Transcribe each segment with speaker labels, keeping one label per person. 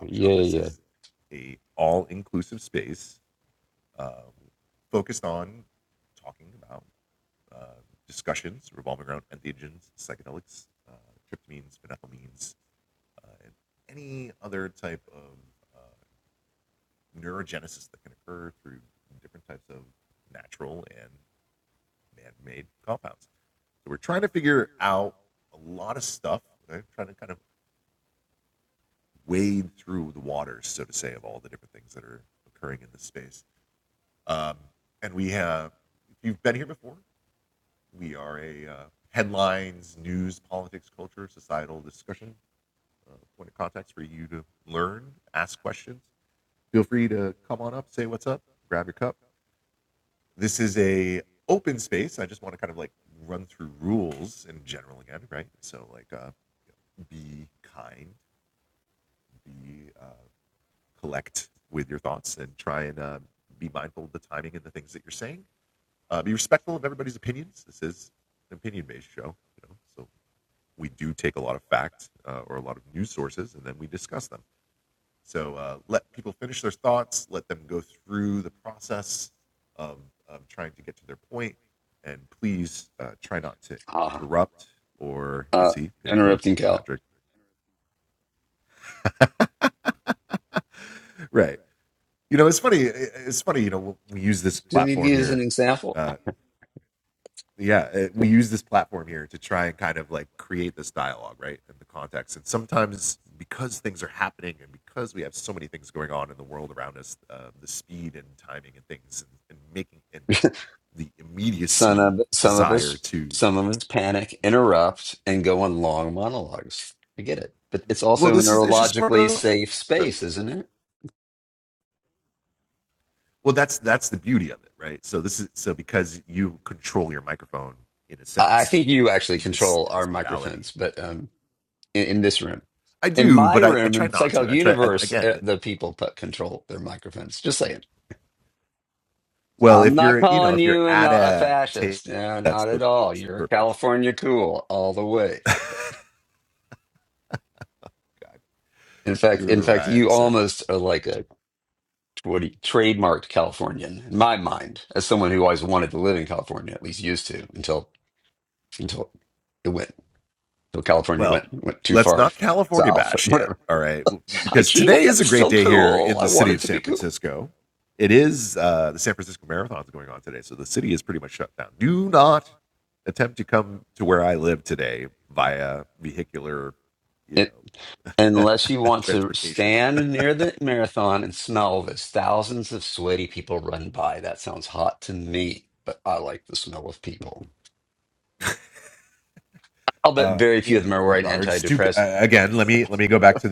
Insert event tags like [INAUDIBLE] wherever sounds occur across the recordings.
Speaker 1: Yeah, yeah. yeah. Ah, uh, interrupting Cal. Did he use an example? [LAUGHS] Some of some of us some of us panic, interrupt, and go on long monologues. I get it, but it's also a neurologically safe space, isn't it? I I think you actually control our microphones, but um, in, in this room, in my room, in Psychedelic Universe, uh, the people put control their microphones. Just saying. I'm not calling you an, uh, a fascist. No, not at all. You're California cool all the way. In fact, in fact, you almost are like a what trademarked Californian in my mind, as someone who always wanted to live in California, at least used to, until until it went until California went went too far south, or whatever. I can't. That's still cool. I want it to be cool. It, unless you want to stand near the marathon and smell this, thousands of sweaty people run by. That sounds hot to me, but I like the smell of people. I'll bet very few of them are wearing antidepressants. [LAUGHS]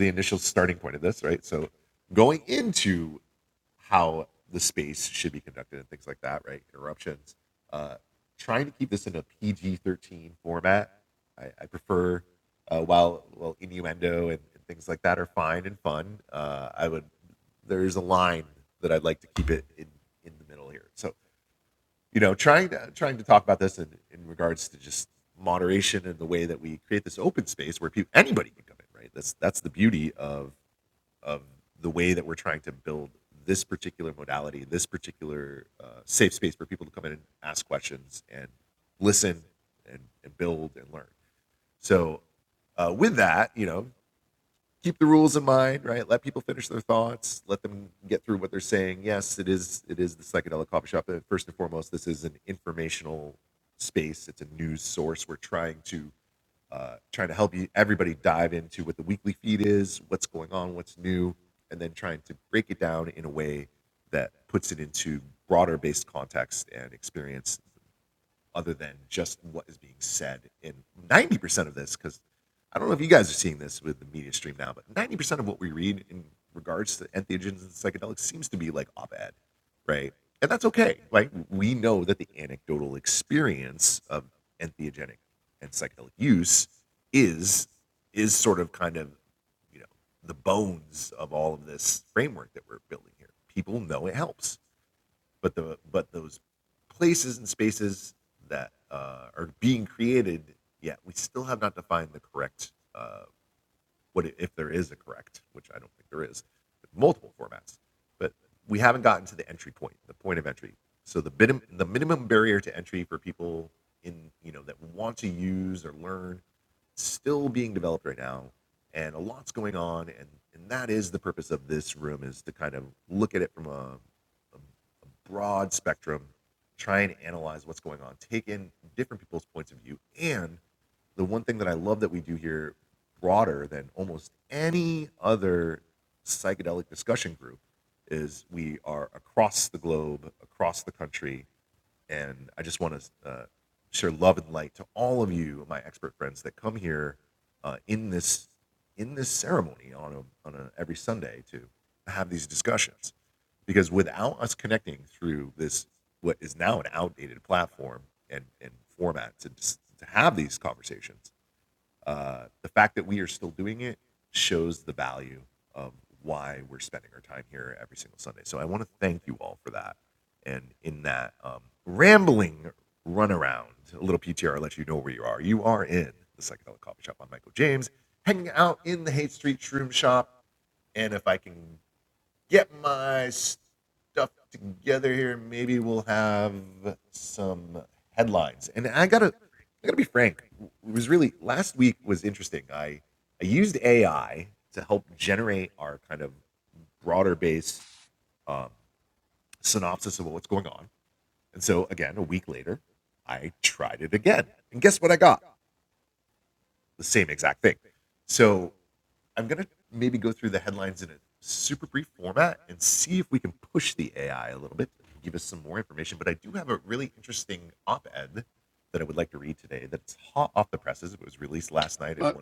Speaker 1: Uh,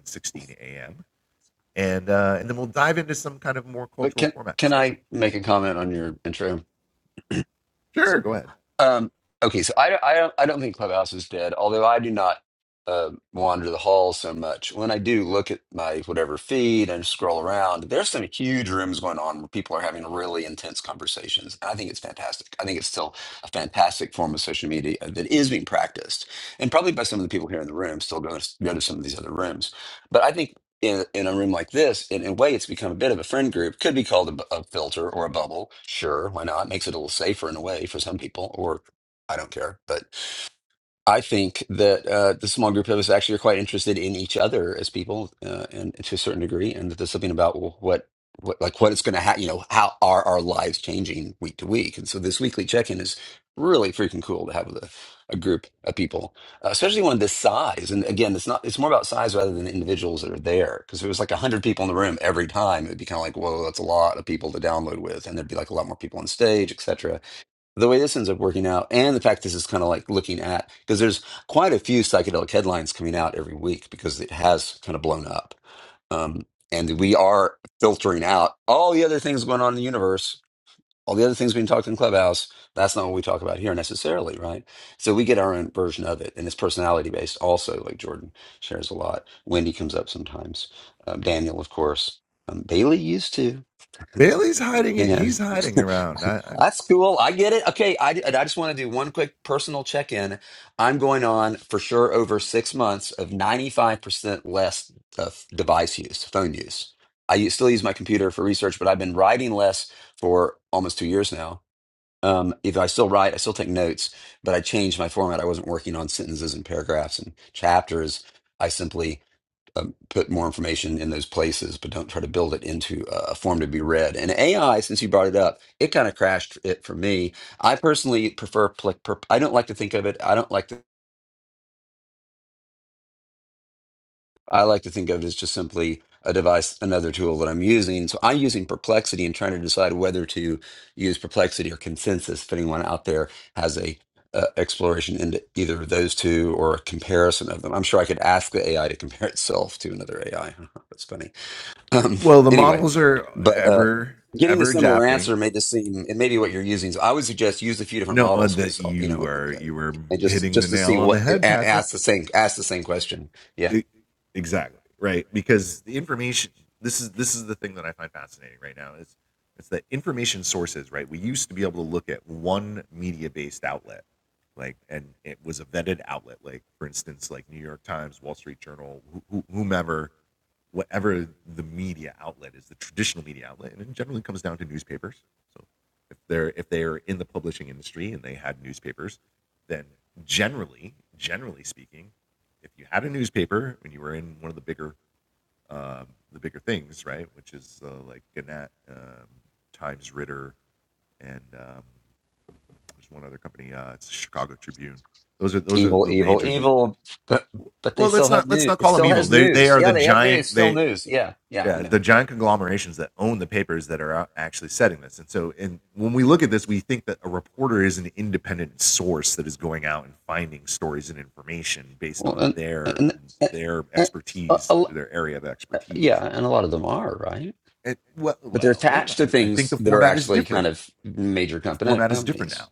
Speaker 1: But can can I make a comment on your intro? Um, okay, so I, I don't I don't think Clubhouse is dead, although I do not uh, wander the hall so much. When I do look at my whatever feed and scroll around, there's some huge rooms going on where people are having really intense conversations. I think it's fantastic. I think it's still a fantastic form of social media that is being practiced, and probably by some of the people here in the room still go to, go to some of these other rooms. But I think in, in a room like this, in, in a way, it's become a bit of a friend group. Could be called a, bu- a filter or a bubble. Sure, why not? Makes it a little safer in a way for some people, or I don't care. But I think that uh, the small group of us actually are quite interested in each other as people, uh, and to a certain degree, and that there's something about what, what like what it's going to happen. You know, how are our lives changing week to week? And so this weekly check-in is really freaking cool to have with a, a group of people, uh, especially one this size. And again, it's not it's more about size rather than the individuals that are there. Because if it was like hundred people in the room every time, it'd be kind of like, whoa, that's a lot of people to download with, and there'd be like a lot more people on stage, etc the way this ends up working out and the fact this is kind of like looking at because there's quite a few psychedelic headlines coming out every week because it has kind of blown up um, and we are filtering out all the other things going on in the universe all the other things being talked in clubhouse that's not what we talk about here necessarily right so we get our own version of it and it's personality based also like jordan shares a lot wendy comes up sometimes um, daniel of course um, bailey used to and. [LAUGHS] That's cool. I get it. Okay, I, I just want to do one quick personal check-in. I'm going on for sure over six months of 95% less of device use, phone use. I use, still use my computer for research, but I've been writing less for almost two years now. Um, if I still write, I still take notes, but I changed my format. I wasn't working on sentences and paragraphs and chapters. I simply um, put more information in those places, but don't try to build it into a a form to be read. And AI, since you brought it up, it kind of crashed it for me. I personally prefer, pl- per- I don't like to think of it. I don't like to, I like to think of it as just simply a device, another tool that I'm using. So I'm using Perplexity and trying to decide whether to use Perplexity or Consensus. If anyone out there has a uh, exploration into either of those two or a comparison of them, I'm sure I could ask the AI to compare itself to another AI. [LAUGHS] That's funny. Um, anyway, but uh, getting a similar answer may just seem it may be what you're using. So I would suggest use a few different models because you know, and just just to see what it a- asks the same asks the same question. Yeah, evil, evil, evil. But but they still have news. It still has news. Yeah, they have news. It's still news. Yeah, yeah, I know. Well, and and, and, and a, a lo- yeah, and a lot of them are right, but they're attached to things that are actually kind of major company companies.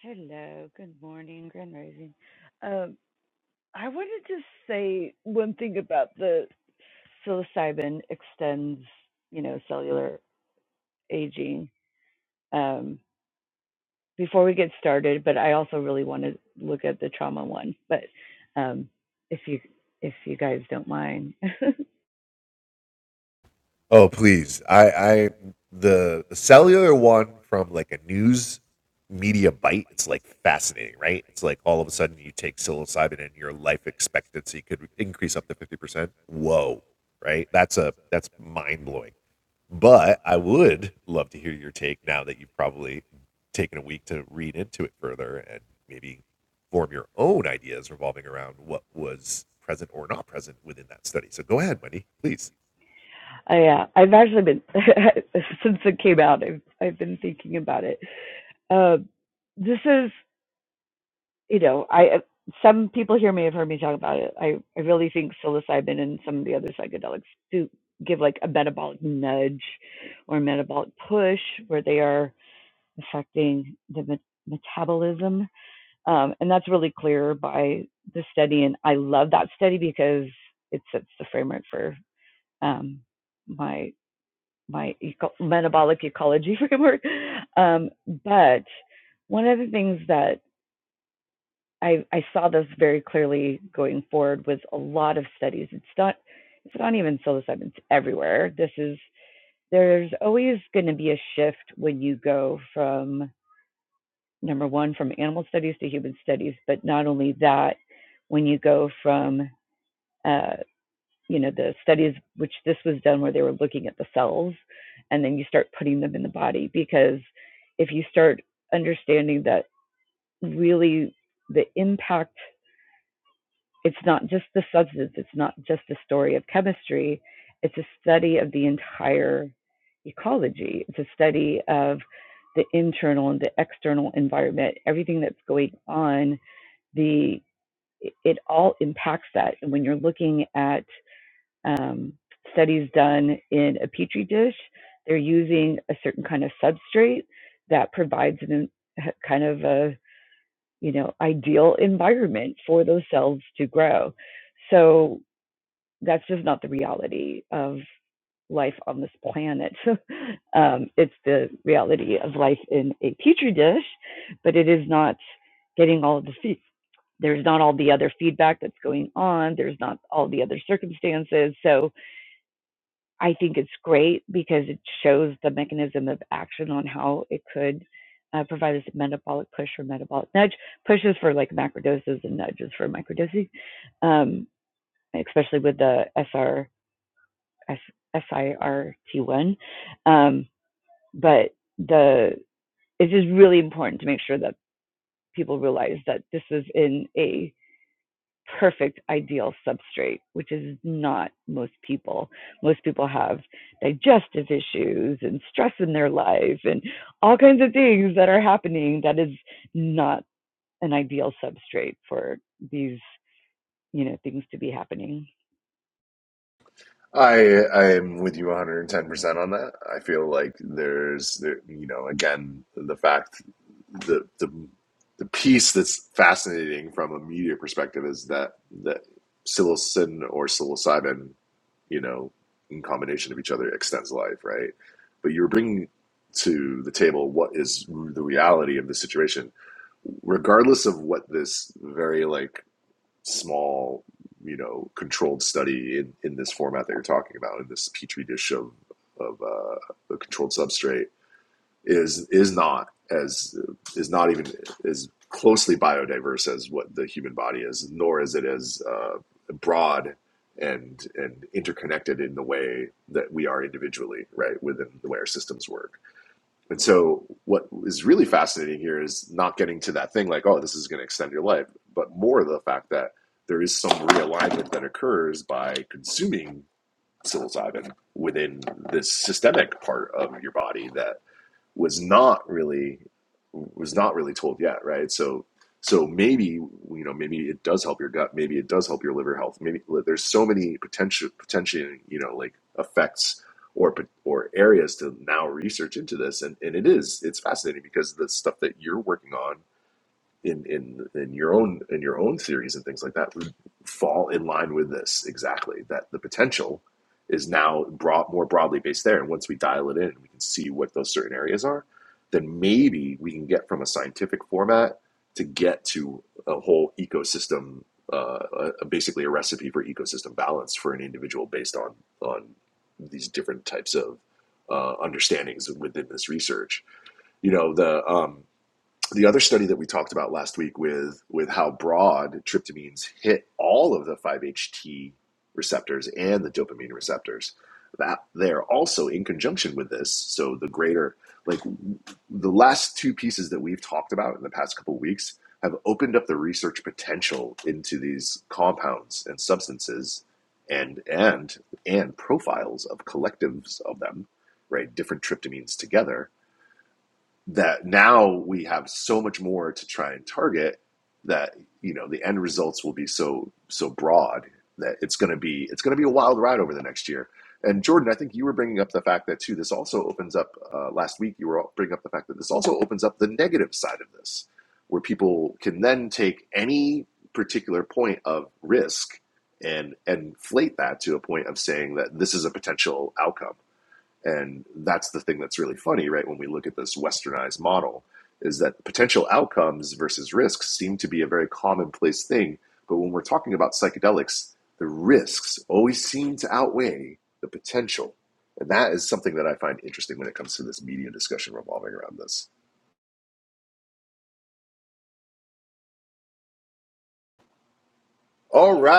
Speaker 2: Hello, good morning, Grand Rising. Um, I wanted to say one thing about the psilocybin extends, you know, cellular aging. Um, before we get started, but I also really want to look at the trauma one. But um, if you if you guys don't mind, [LAUGHS] I uh, I've actually been [LAUGHS] since it came out. I've I've been thinking about it. Uh, this is you know, I uh, some people here may have heard me talk about it. I, I really think psilocybin and some of the other psychedelics do give like a metabolic nudge or metabolic push where they are affecting the me- metabolism. Um, and that's really clear by the study. And I love that study because it sets the framework for um, my my eco- metabolic ecology [LAUGHS] framework. Um, but one of the things that I, I saw this very clearly going forward with a lot of studies. It's not it's not even psilocybin. It's everywhere. This is there's always going to be a shift when you go from number one from animal studies to human studies, but not only that, when you go from uh, you know the studies which this was done where they were looking at the cells, and then you start putting them in the body because if you start understanding that really the impact It's not just the substance, it's not just a story of chemistry, it's a study of the entire ecology. It's a study of the internal and the external environment, everything that's going on, the it all impacts that. And when you're looking at um, studies done in a petri dish, they're using a certain kind of substrate that provides an, uh, kind of a you know ideal environment for those cells to grow. So that's just not the reality of life on this planet. [LAUGHS] um, it's the reality of life in a petri dish, but it is not getting all of the feed. There's not all the other feedback that's going on. There's not all the other circumstances. So I think it's great because it shows the mechanism of action on how it could uh, provide us a metabolic push or metabolic nudge. Pushes for like macrodoses and nudges for microdosing, um, especially with the SR S I R T one. Um, but the it's just really important to make sure that people realize that this is in a perfect ideal substrate, which is not most people. Most people have digestive issues and stress in their life and all kinds of things that are happening that is not an ideal substrate for these, you know, things to be happening.
Speaker 3: I I am with you 110% on that. I feel like there's there, you know, again,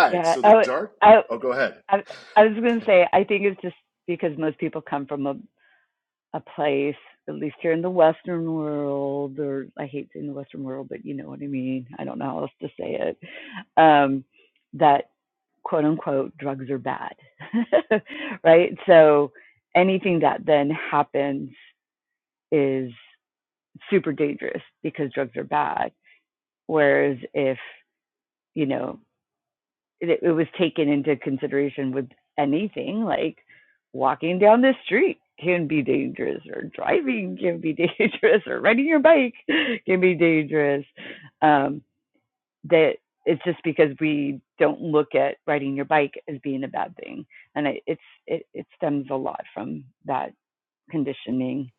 Speaker 2: Yeah, I, I I, I was going to say, I think it's just because most people come from a, a place, at least here in the Western world, or I hate saying the Western world, but you know what I mean. I don't know how else to say it. Um, that quote unquote drugs are bad, [LAUGHS] right? So anything that then happens is super dangerous because drugs are bad. Whereas if, you know, it, it was taken into consideration with anything like walking down the street can be dangerous or driving can be [LAUGHS] dangerous or riding your bike can be dangerous um, that it's just because we don't look at riding your bike as being a bad thing and it, it's it, it stems a lot from that conditioning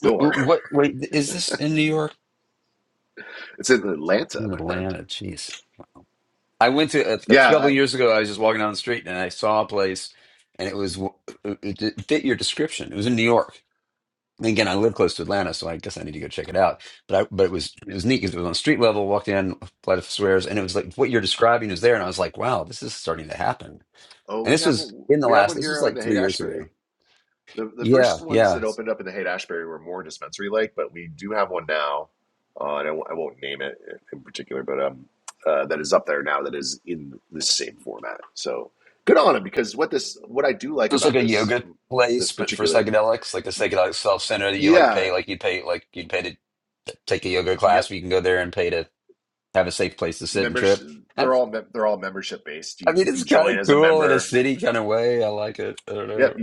Speaker 1: Wait, what? Wait, is this in New York? In Atlanta? Jeez. I went to a, a couple of years ago. I was just walking down the street and I saw a place, and it was it it fit your description. It was in New York. And again, I live close to Atlanta, so I guess I need to go check it out. But I but it was it was neat because it was on street level. Walked in, flight of swears, and it was like what you're describing is there. And I was like, wow, this is starting to happen. And this was in the last. This was like three years ago. Yeah, yeah. So it's like a yoga place, but for psychedelics, like a psychedelic self center that you like pay, like you pay, like you'd pay to t- take a yoga class, but you can go there and pay to have a safe place to sit and trip. That's, I mean, it's kind of cool in a city kind of way. I like it. I don't know.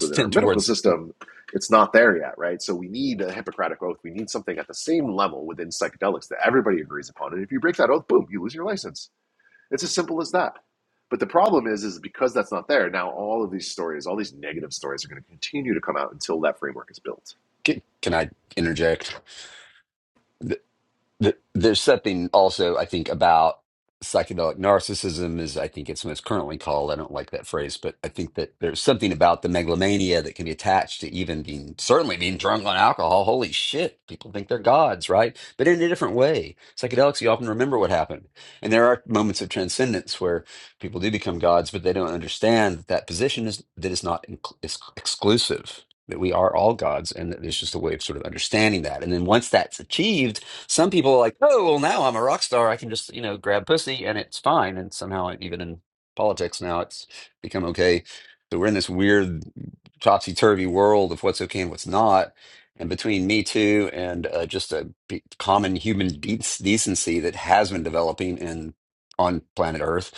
Speaker 1: Tend towards. Can, can I interject? Th- There's something also, I think, about psychedelic narcissism, is I think it's most currently called. I don't like that phrase, but I think that there's something about the megalomania that can be attached to even being, certainly being drunk on alcohol. Holy shit, people think they're gods, right? But in a different way. Psychedelics, you often remember what happened. And there are moments of transcendence where people do become gods, but they don't understand that that position is that is not inc- is exclusive. That we are all gods, and that there's just a way of sort of understanding that. And then once that's achieved, some people are like, oh, well, now I'm a rock star. I can just, you know, grab pussy and it's fine. And somehow, even in politics now, it's become okay. So we're in this weird topsy turvy world of what's okay and what's not. And between Me Too and uh, just a p- common human de- decency that has been developing in on planet Earth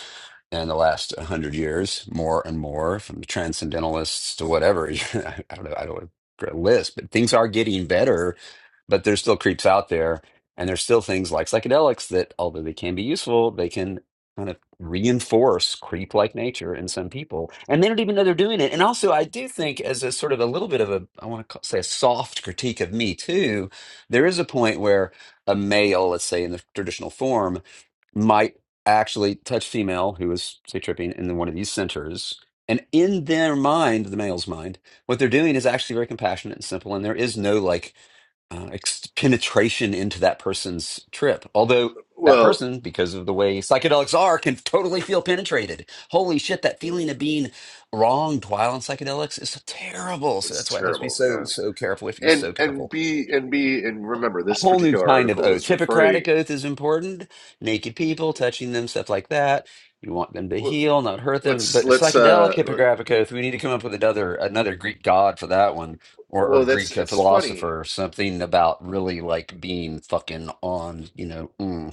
Speaker 1: in the last 100 years, more and more, from the transcendentalists to whatever. [LAUGHS] I don't know. I don't want to list, but things are getting better, but there's still creeps out there and there's still things like psychedelics that, although they can be useful, they can kind of reinforce creep like nature in some people. And they don't even know they're doing it. And also, I do think, as a sort of a little bit of a, I want to say a soft critique of me too, there is a point where a male, let's say in the traditional form, might actually touch female who is say tripping in one of these centers and in their mind the male's mind what they're doing is actually very compassionate and simple and there is no like uh, ex- penetration into that person's trip. Although that person, because of the way psychedelics are, can totally feel penetrated. Holy shit, that feeling of being wronged while on psychedelics is terrible. So that's why it has to be so, so careful. We have to be so careful a whole new kind of oath. Hippocratic oath is important. Naked people, touching them, stuff like that. You want them to heal, not hurt them. But psychedelic Hippocratic oath, we need to come up with another another Greek god for that one, or or Greek philosopher, something about really like being fucking on, you know. mm.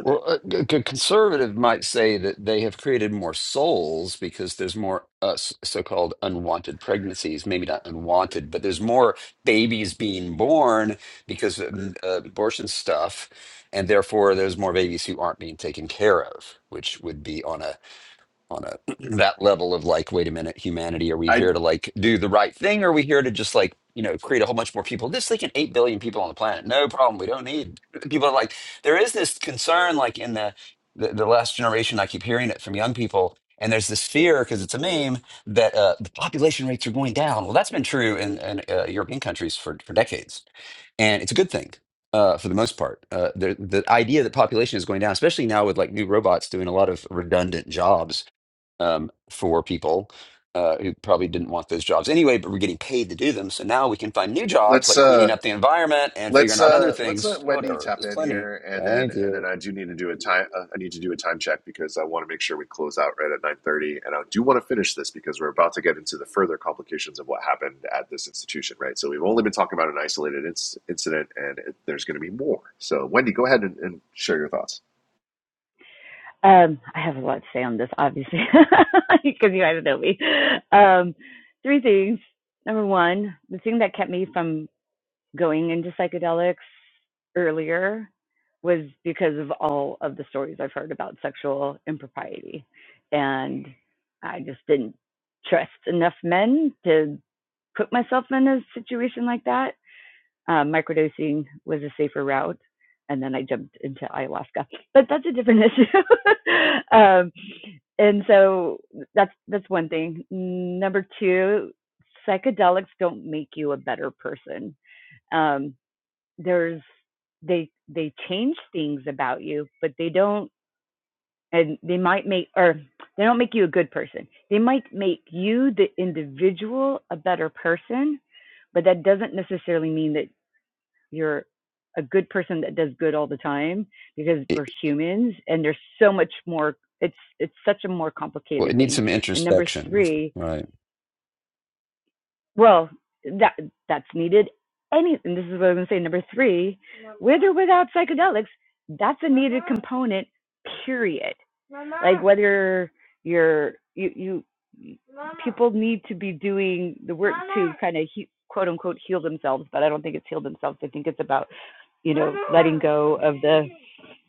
Speaker 1: Well, a, a c- conservative might say that they have created more souls because there's more uh, s- so-called unwanted pregnancies. Maybe not unwanted, but there's more babies being born because of mm, uh, abortion stuff, and therefore there's more babies who aren't being taken care of, which would be on a on a [CLEARS THROAT] that level of like wait a minute humanity are we here to like do the right thing or are we here to just like you know create a whole bunch more people this like an 8 billion people on the planet no problem we don't need [LAUGHS] people are like there is this concern like in the the, the last generation i keep hearing it from young people and there's this fear because it's a meme that uh, the population rates are going down well that's been true in, in uh, european countries for, for decades and it's a good thing uh, for the most part. Uh, the the idea that population is going down, especially now with like new robots doing a lot of redundant jobs, um, for people uh, who probably didn't want those jobs anyway, but were getting paid to do them. So now we can find new jobs like cleaning up the environment and figuring out other things. Whatever, there's plenty. Thank you.
Speaker 2: um, i have a lot to say on this obviously because [LAUGHS] you guys know me um, three things number one the thing that kept me from going into psychedelics earlier was because of all of the stories I've heard about sexual impropriety. And I just didn't trust enough men to put myself in a situation like that. Uh, microdosing was a safer route. And then I jumped into ayahuasca, but that's a different issue. [LAUGHS] um, and so that's that's one thing. Number two, psychedelics don't make you a better person. Um, there's they they change things about you, but they don't and they might make or they don't make you a good person. They might make you the individual a better person, but that doesn't necessarily mean that you're a good person that does good all the time because we're
Speaker 1: It,
Speaker 2: humans and there's so much more it's it's such a more
Speaker 1: well,
Speaker 2: complicated
Speaker 1: it needs
Speaker 2: thing.
Speaker 1: some
Speaker 2: And number
Speaker 1: introspection,
Speaker 2: 3,
Speaker 1: right?
Speaker 2: Well, that that's needed. Any, and this is what I'm going to say. Number three, with or without psychedelics, that's a needed component. Period. Like whether you're you you people need to be doing the work to kind of he, quote unquote heal themselves, but I don't think it's heal themselves. I think it's about you know letting go of the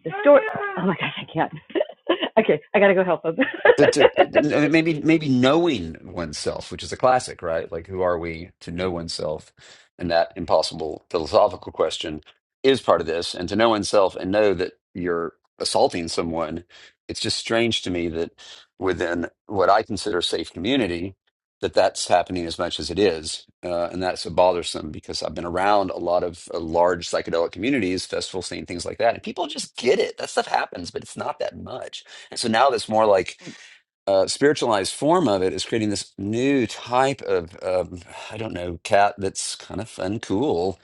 Speaker 2: the story. Oh my gosh, I can't. [LAUGHS] okay, I gotta go help them.
Speaker 1: the, the,
Speaker 2: [LAUGHS]
Speaker 1: the- maybe maybe knowing oneself, which is a classic, right? Like, who are we to know oneself? And that impossible philosophical question is part of this. And to know oneself and know that you're assaulting someone, it's just strange to me that within what I consider safe community, that that's happening as much as it is, uh, and that's so bothersome because I've been around a lot of uh, large psychedelic communities, festival scene, things like that, and people just get it. That stuff happens, but it's not that much. And so now that's more like uh, spiritualized form of it is creating this new type of um, I don't know cat that's kind of fun, cool,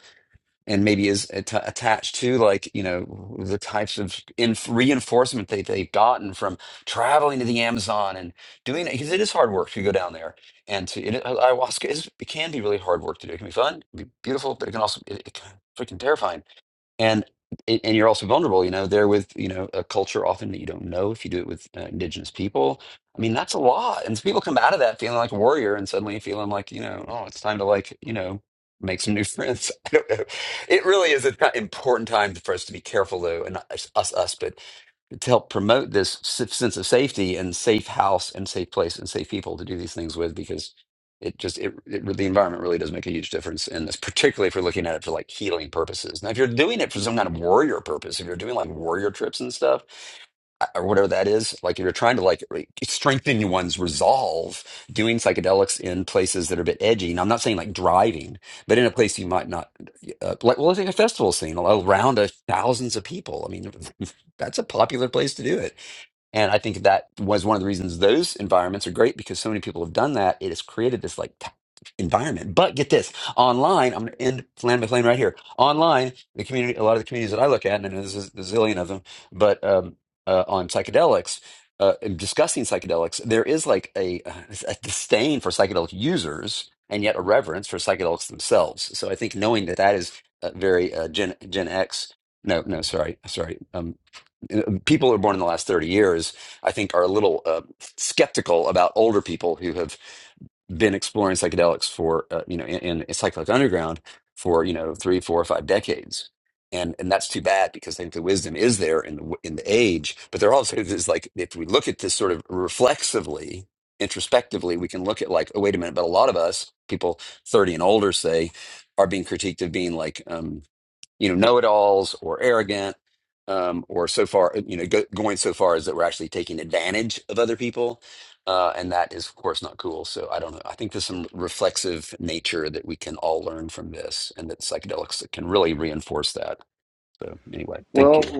Speaker 1: and maybe is atta attached to like you know the types of inf reinforcement that they've gotten from traveling to the Amazon and doing it because it is hard work to go down there and to it, ayahuasca is it can be really hard work to do. It can be fun, it can be beautiful, but it can also it, it can freaking terrifying and and you're also vulnerable you know there with you know a culture often that you don't know if you do it with uh, indigenous people i mean that's a lot and so people come out of that feeling like a warrior and suddenly feeling like you know oh it's time to like you know make some new friends [LAUGHS] i don't know it really is an important time for us to be careful though and not us us us, but to help promote this s- sense of safety and safe house and safe place and safe people to do these things with because it just it, it the environment really does make a huge difference in this particularly if you're looking at it for like healing purposes now if you're doing it for some kind of warrior purpose if you're doing like warrior trips and stuff uh, or whatever that is like if you're trying to like re- strengthen one's resolve doing psychedelics in places that are a bit edgy now i'm not saying like driving but in a place you might not uh, like well let's take a festival scene around a, thousands of people i mean [LAUGHS] that's a popular place to do it and I think that was one of the reasons those environments are great because so many people have done that. It has created this like t- environment. But get this online, I'm going to end land my plane right here. Online, the community, a lot of the communities that I look at, and I know there's a zillion of them, but um, uh, on psychedelics, uh, in discussing psychedelics, there is like a, a disdain for psychedelic users and yet a reverence for psychedelics themselves. So I think knowing that that is uh, very uh, Gen, Gen X. No, no, sorry, sorry. um, people who are born in the last 30 years, I think, are a little uh, skeptical about older people who have been exploring psychedelics for, uh, you know, in, in psychedelic underground for, you know, three, four, or five decades. And, and that's too bad because I think the wisdom is there in the w- in the age, but there also is like if we look at this sort of reflexively, introspectively, we can look at like, oh wait a minute, but a lot of us people thirty and older say are being critiqued of being like um, you know know-it-alls or arrogant um, or so far you know go, going so far as that we're actually taking advantage of other people uh, and that is of course not cool so i don't know i think there's some reflexive nature that we can all learn from this and that psychedelics can really reinforce that so anyway thank you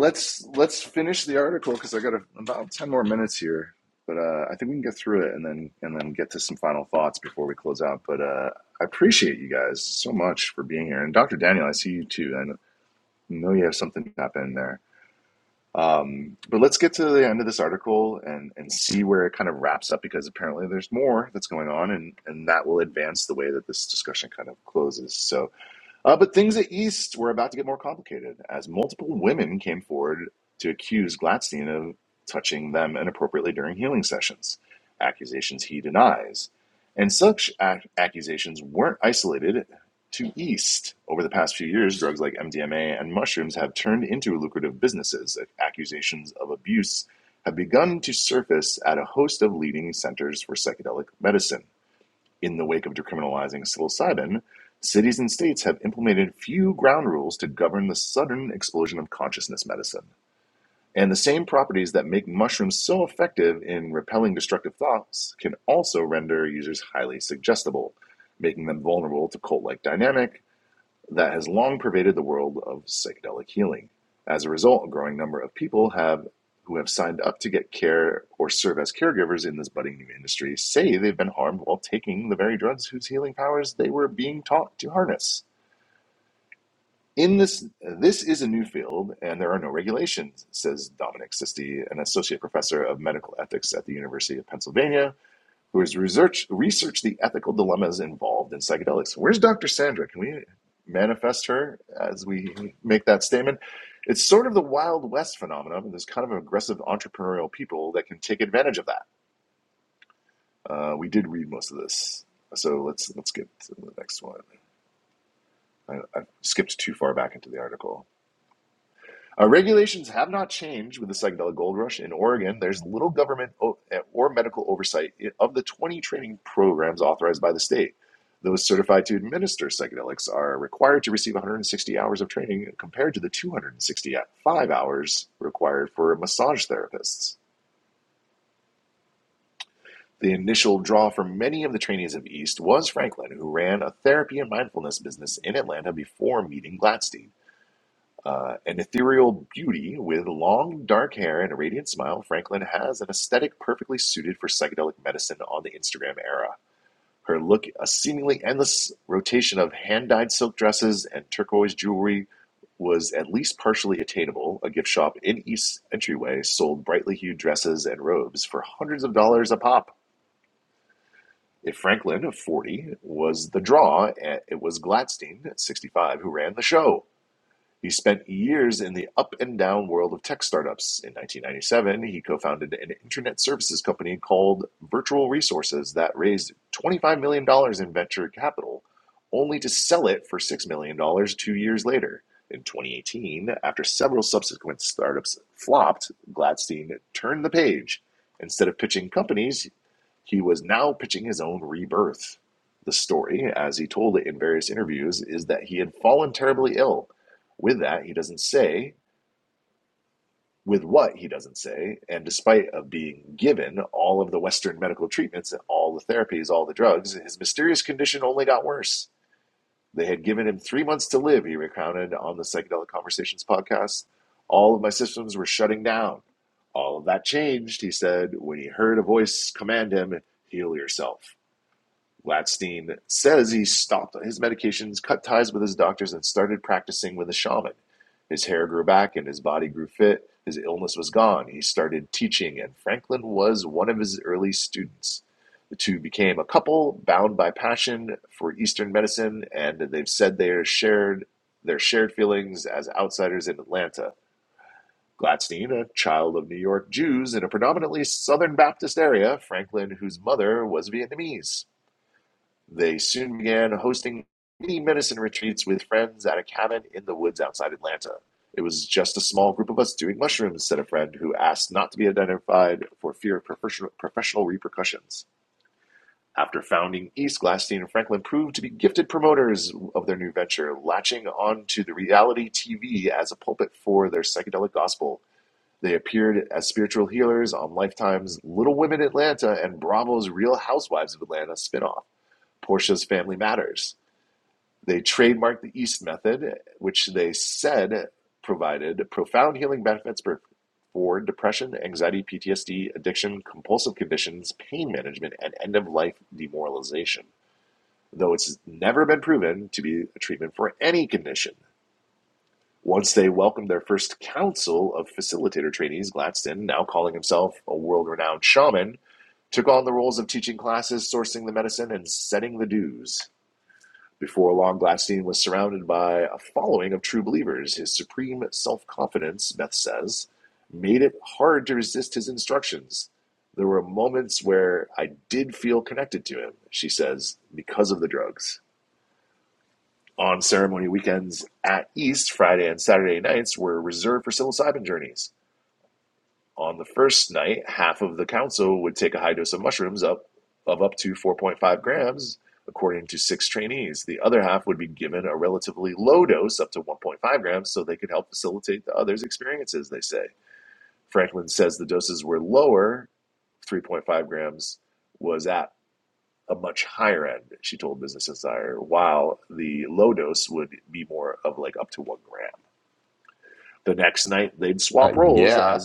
Speaker 1: uh, yeah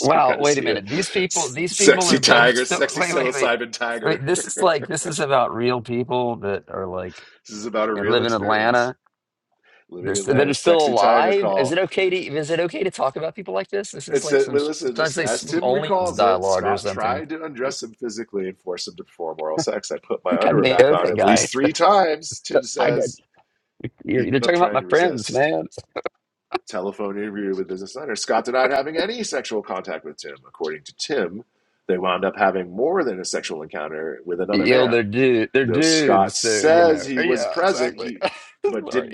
Speaker 1: wow wait a minute these people these people are both so wait wait wait Wait, this is like this is about real people that are like and live in Atlanta this that is still alive. Is it okay to is it okay to talk about people like this? This is like some sometimes they sm- only use dialogue or something. I think I may know that guy. [LAUGHS] I did. You're, you're talking about my friends, man. You know they're dude, they're dudes. So you know, yeah, exactly. [LAUGHS] Sorry,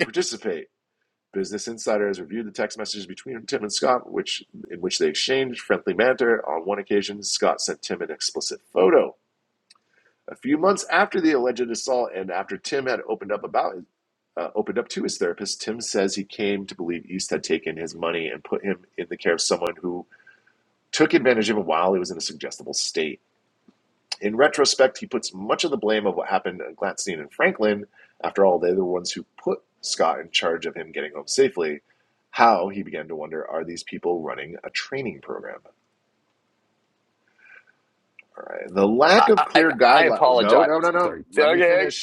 Speaker 1: I, I I I apologize. Sorry. Okay, okay.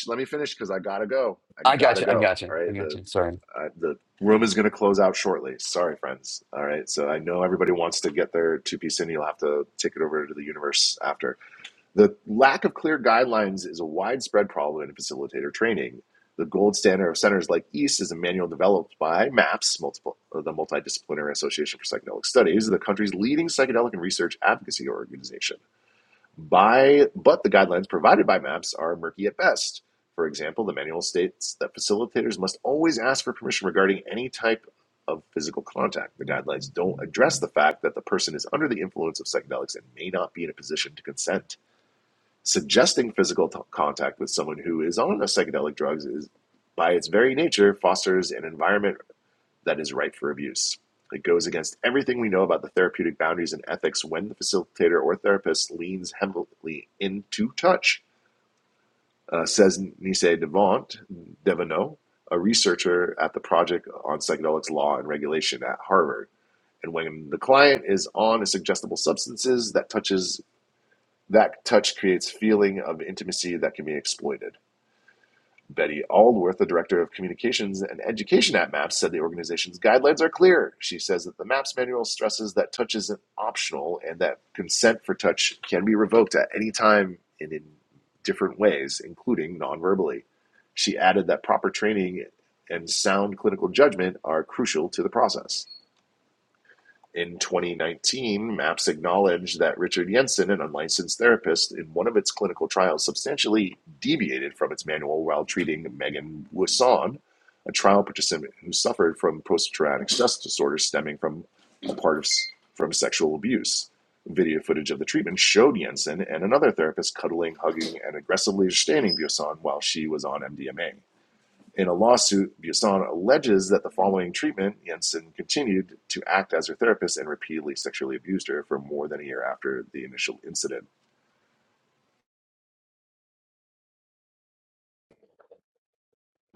Speaker 1: I got you. I got you. I got you. Sorry.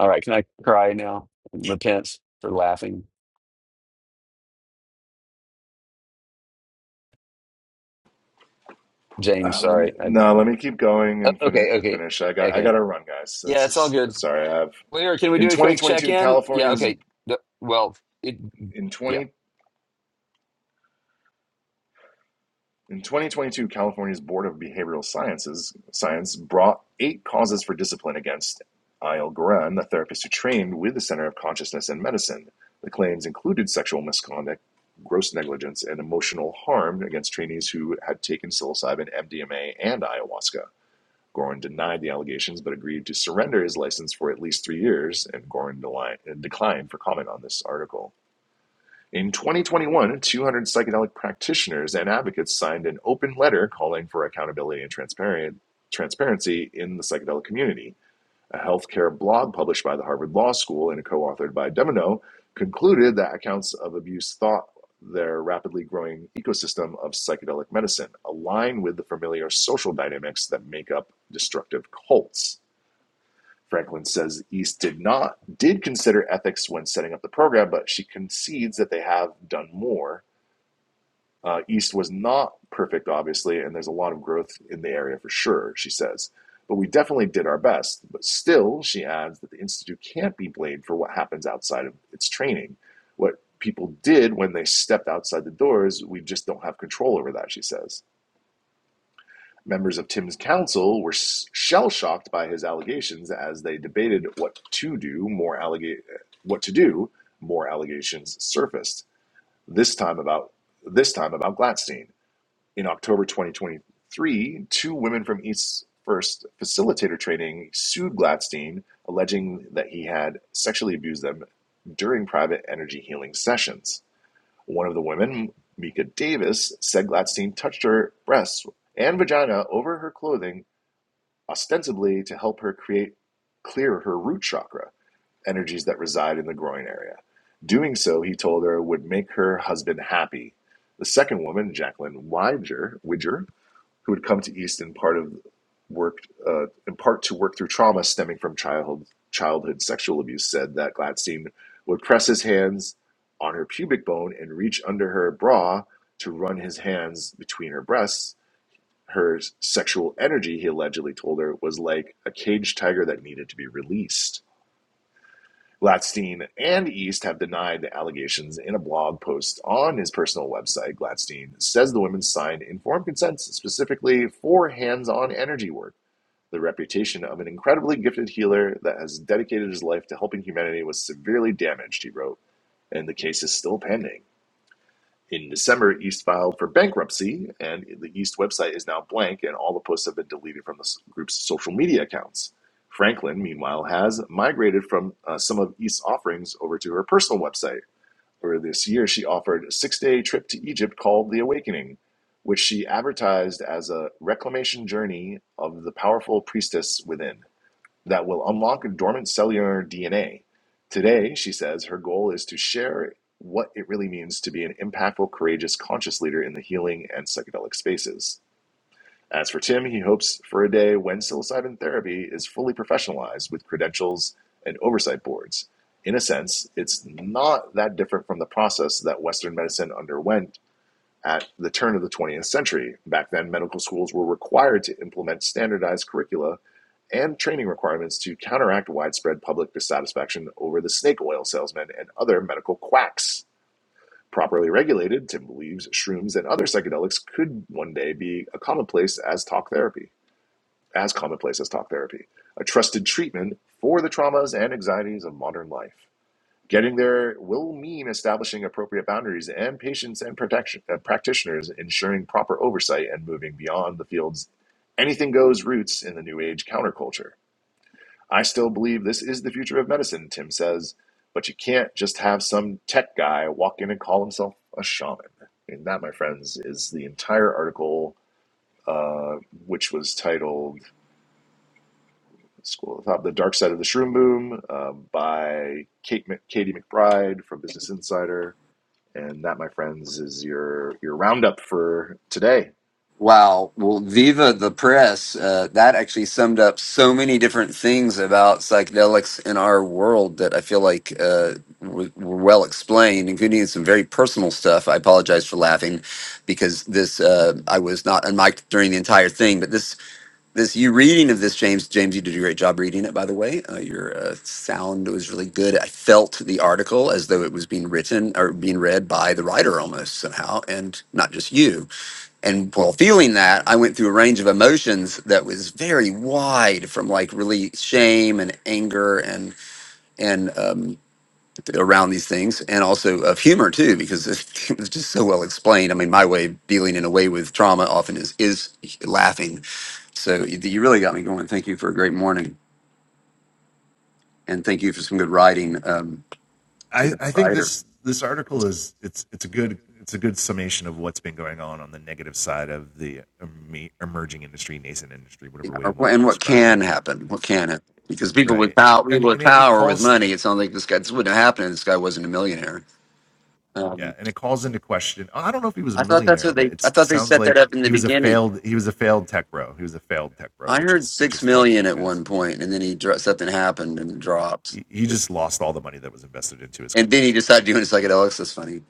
Speaker 1: All right, can I cry now? Repent for laughing, James. Sorry. I, okay, okay, okay. Yeah, it's all good. Lear, can we do a quick check in? Yeah, okay. The- well, it, yeah. Wow. Well, Viva the Press, uh, that actually summed up so many different things about psychedelics in our world that I feel like uh, were, were well explained, including some very personal stuff. I apologize for laughing because this, uh, I was not unmiked during the entire thing, but this this you reading of this james james you did a great job reading it by the way uh, your uh, sound was really good i felt the article as though it was being written or being read by the writer almost somehow and not just you and while feeling that i went through a range of emotions that was very wide from like really shame and anger and and um, around these things and also of humor too because [LAUGHS] it was just so well explained i mean my way of dealing in a way with trauma often is is laughing so you you really got me going. Thank you for a great morning, and thank you for some good writing. Um, to the writer, or, wh- and what can happen? What can happen? Because people with power, people with power with money, it's not like this guy. This wouldn't have happened. if This guy wasn't a millionaire. Um, I thought that's what they. I thought they set that up in the beginning. I heard six million at one point, and then he dro- something happened and it dropped, and then he decided to do it. It's like, oh, this is funny.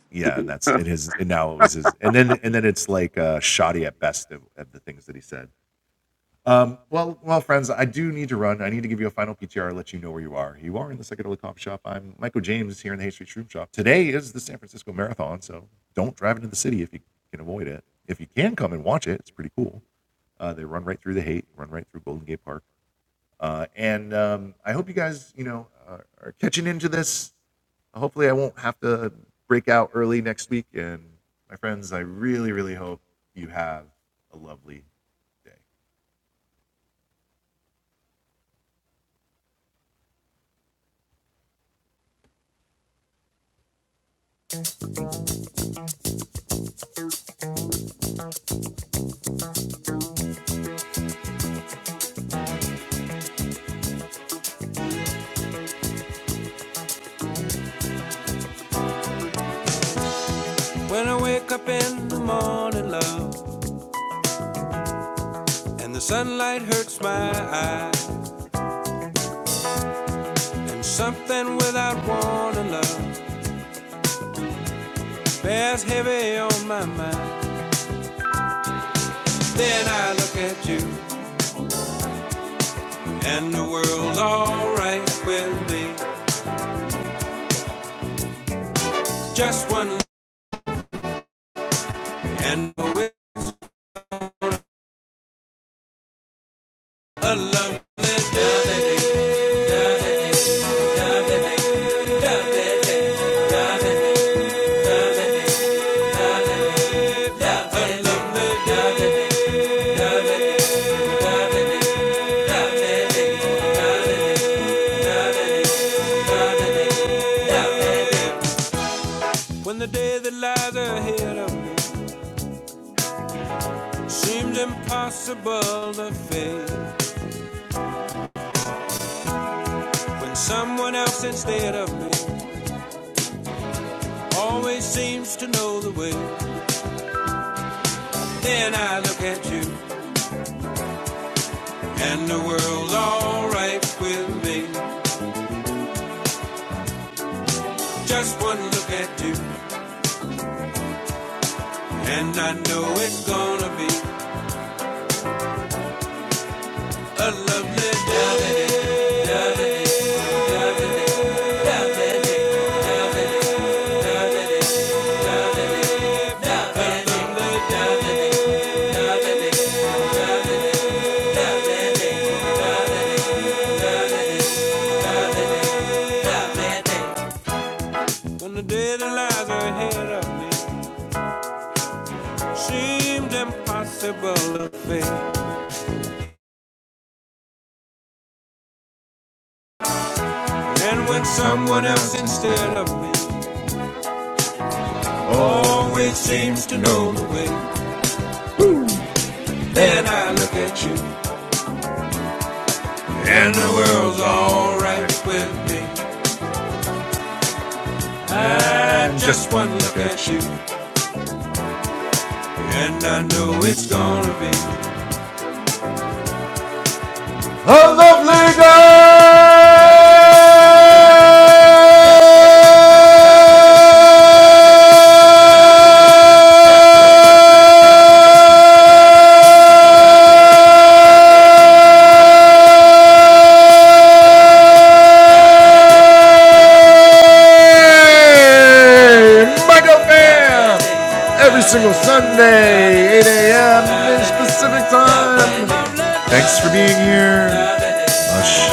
Speaker 3: House of Leaders! Michael Fam! Every single Sunday, 8 a.m. Pacific Time. Thanks for being here. Aż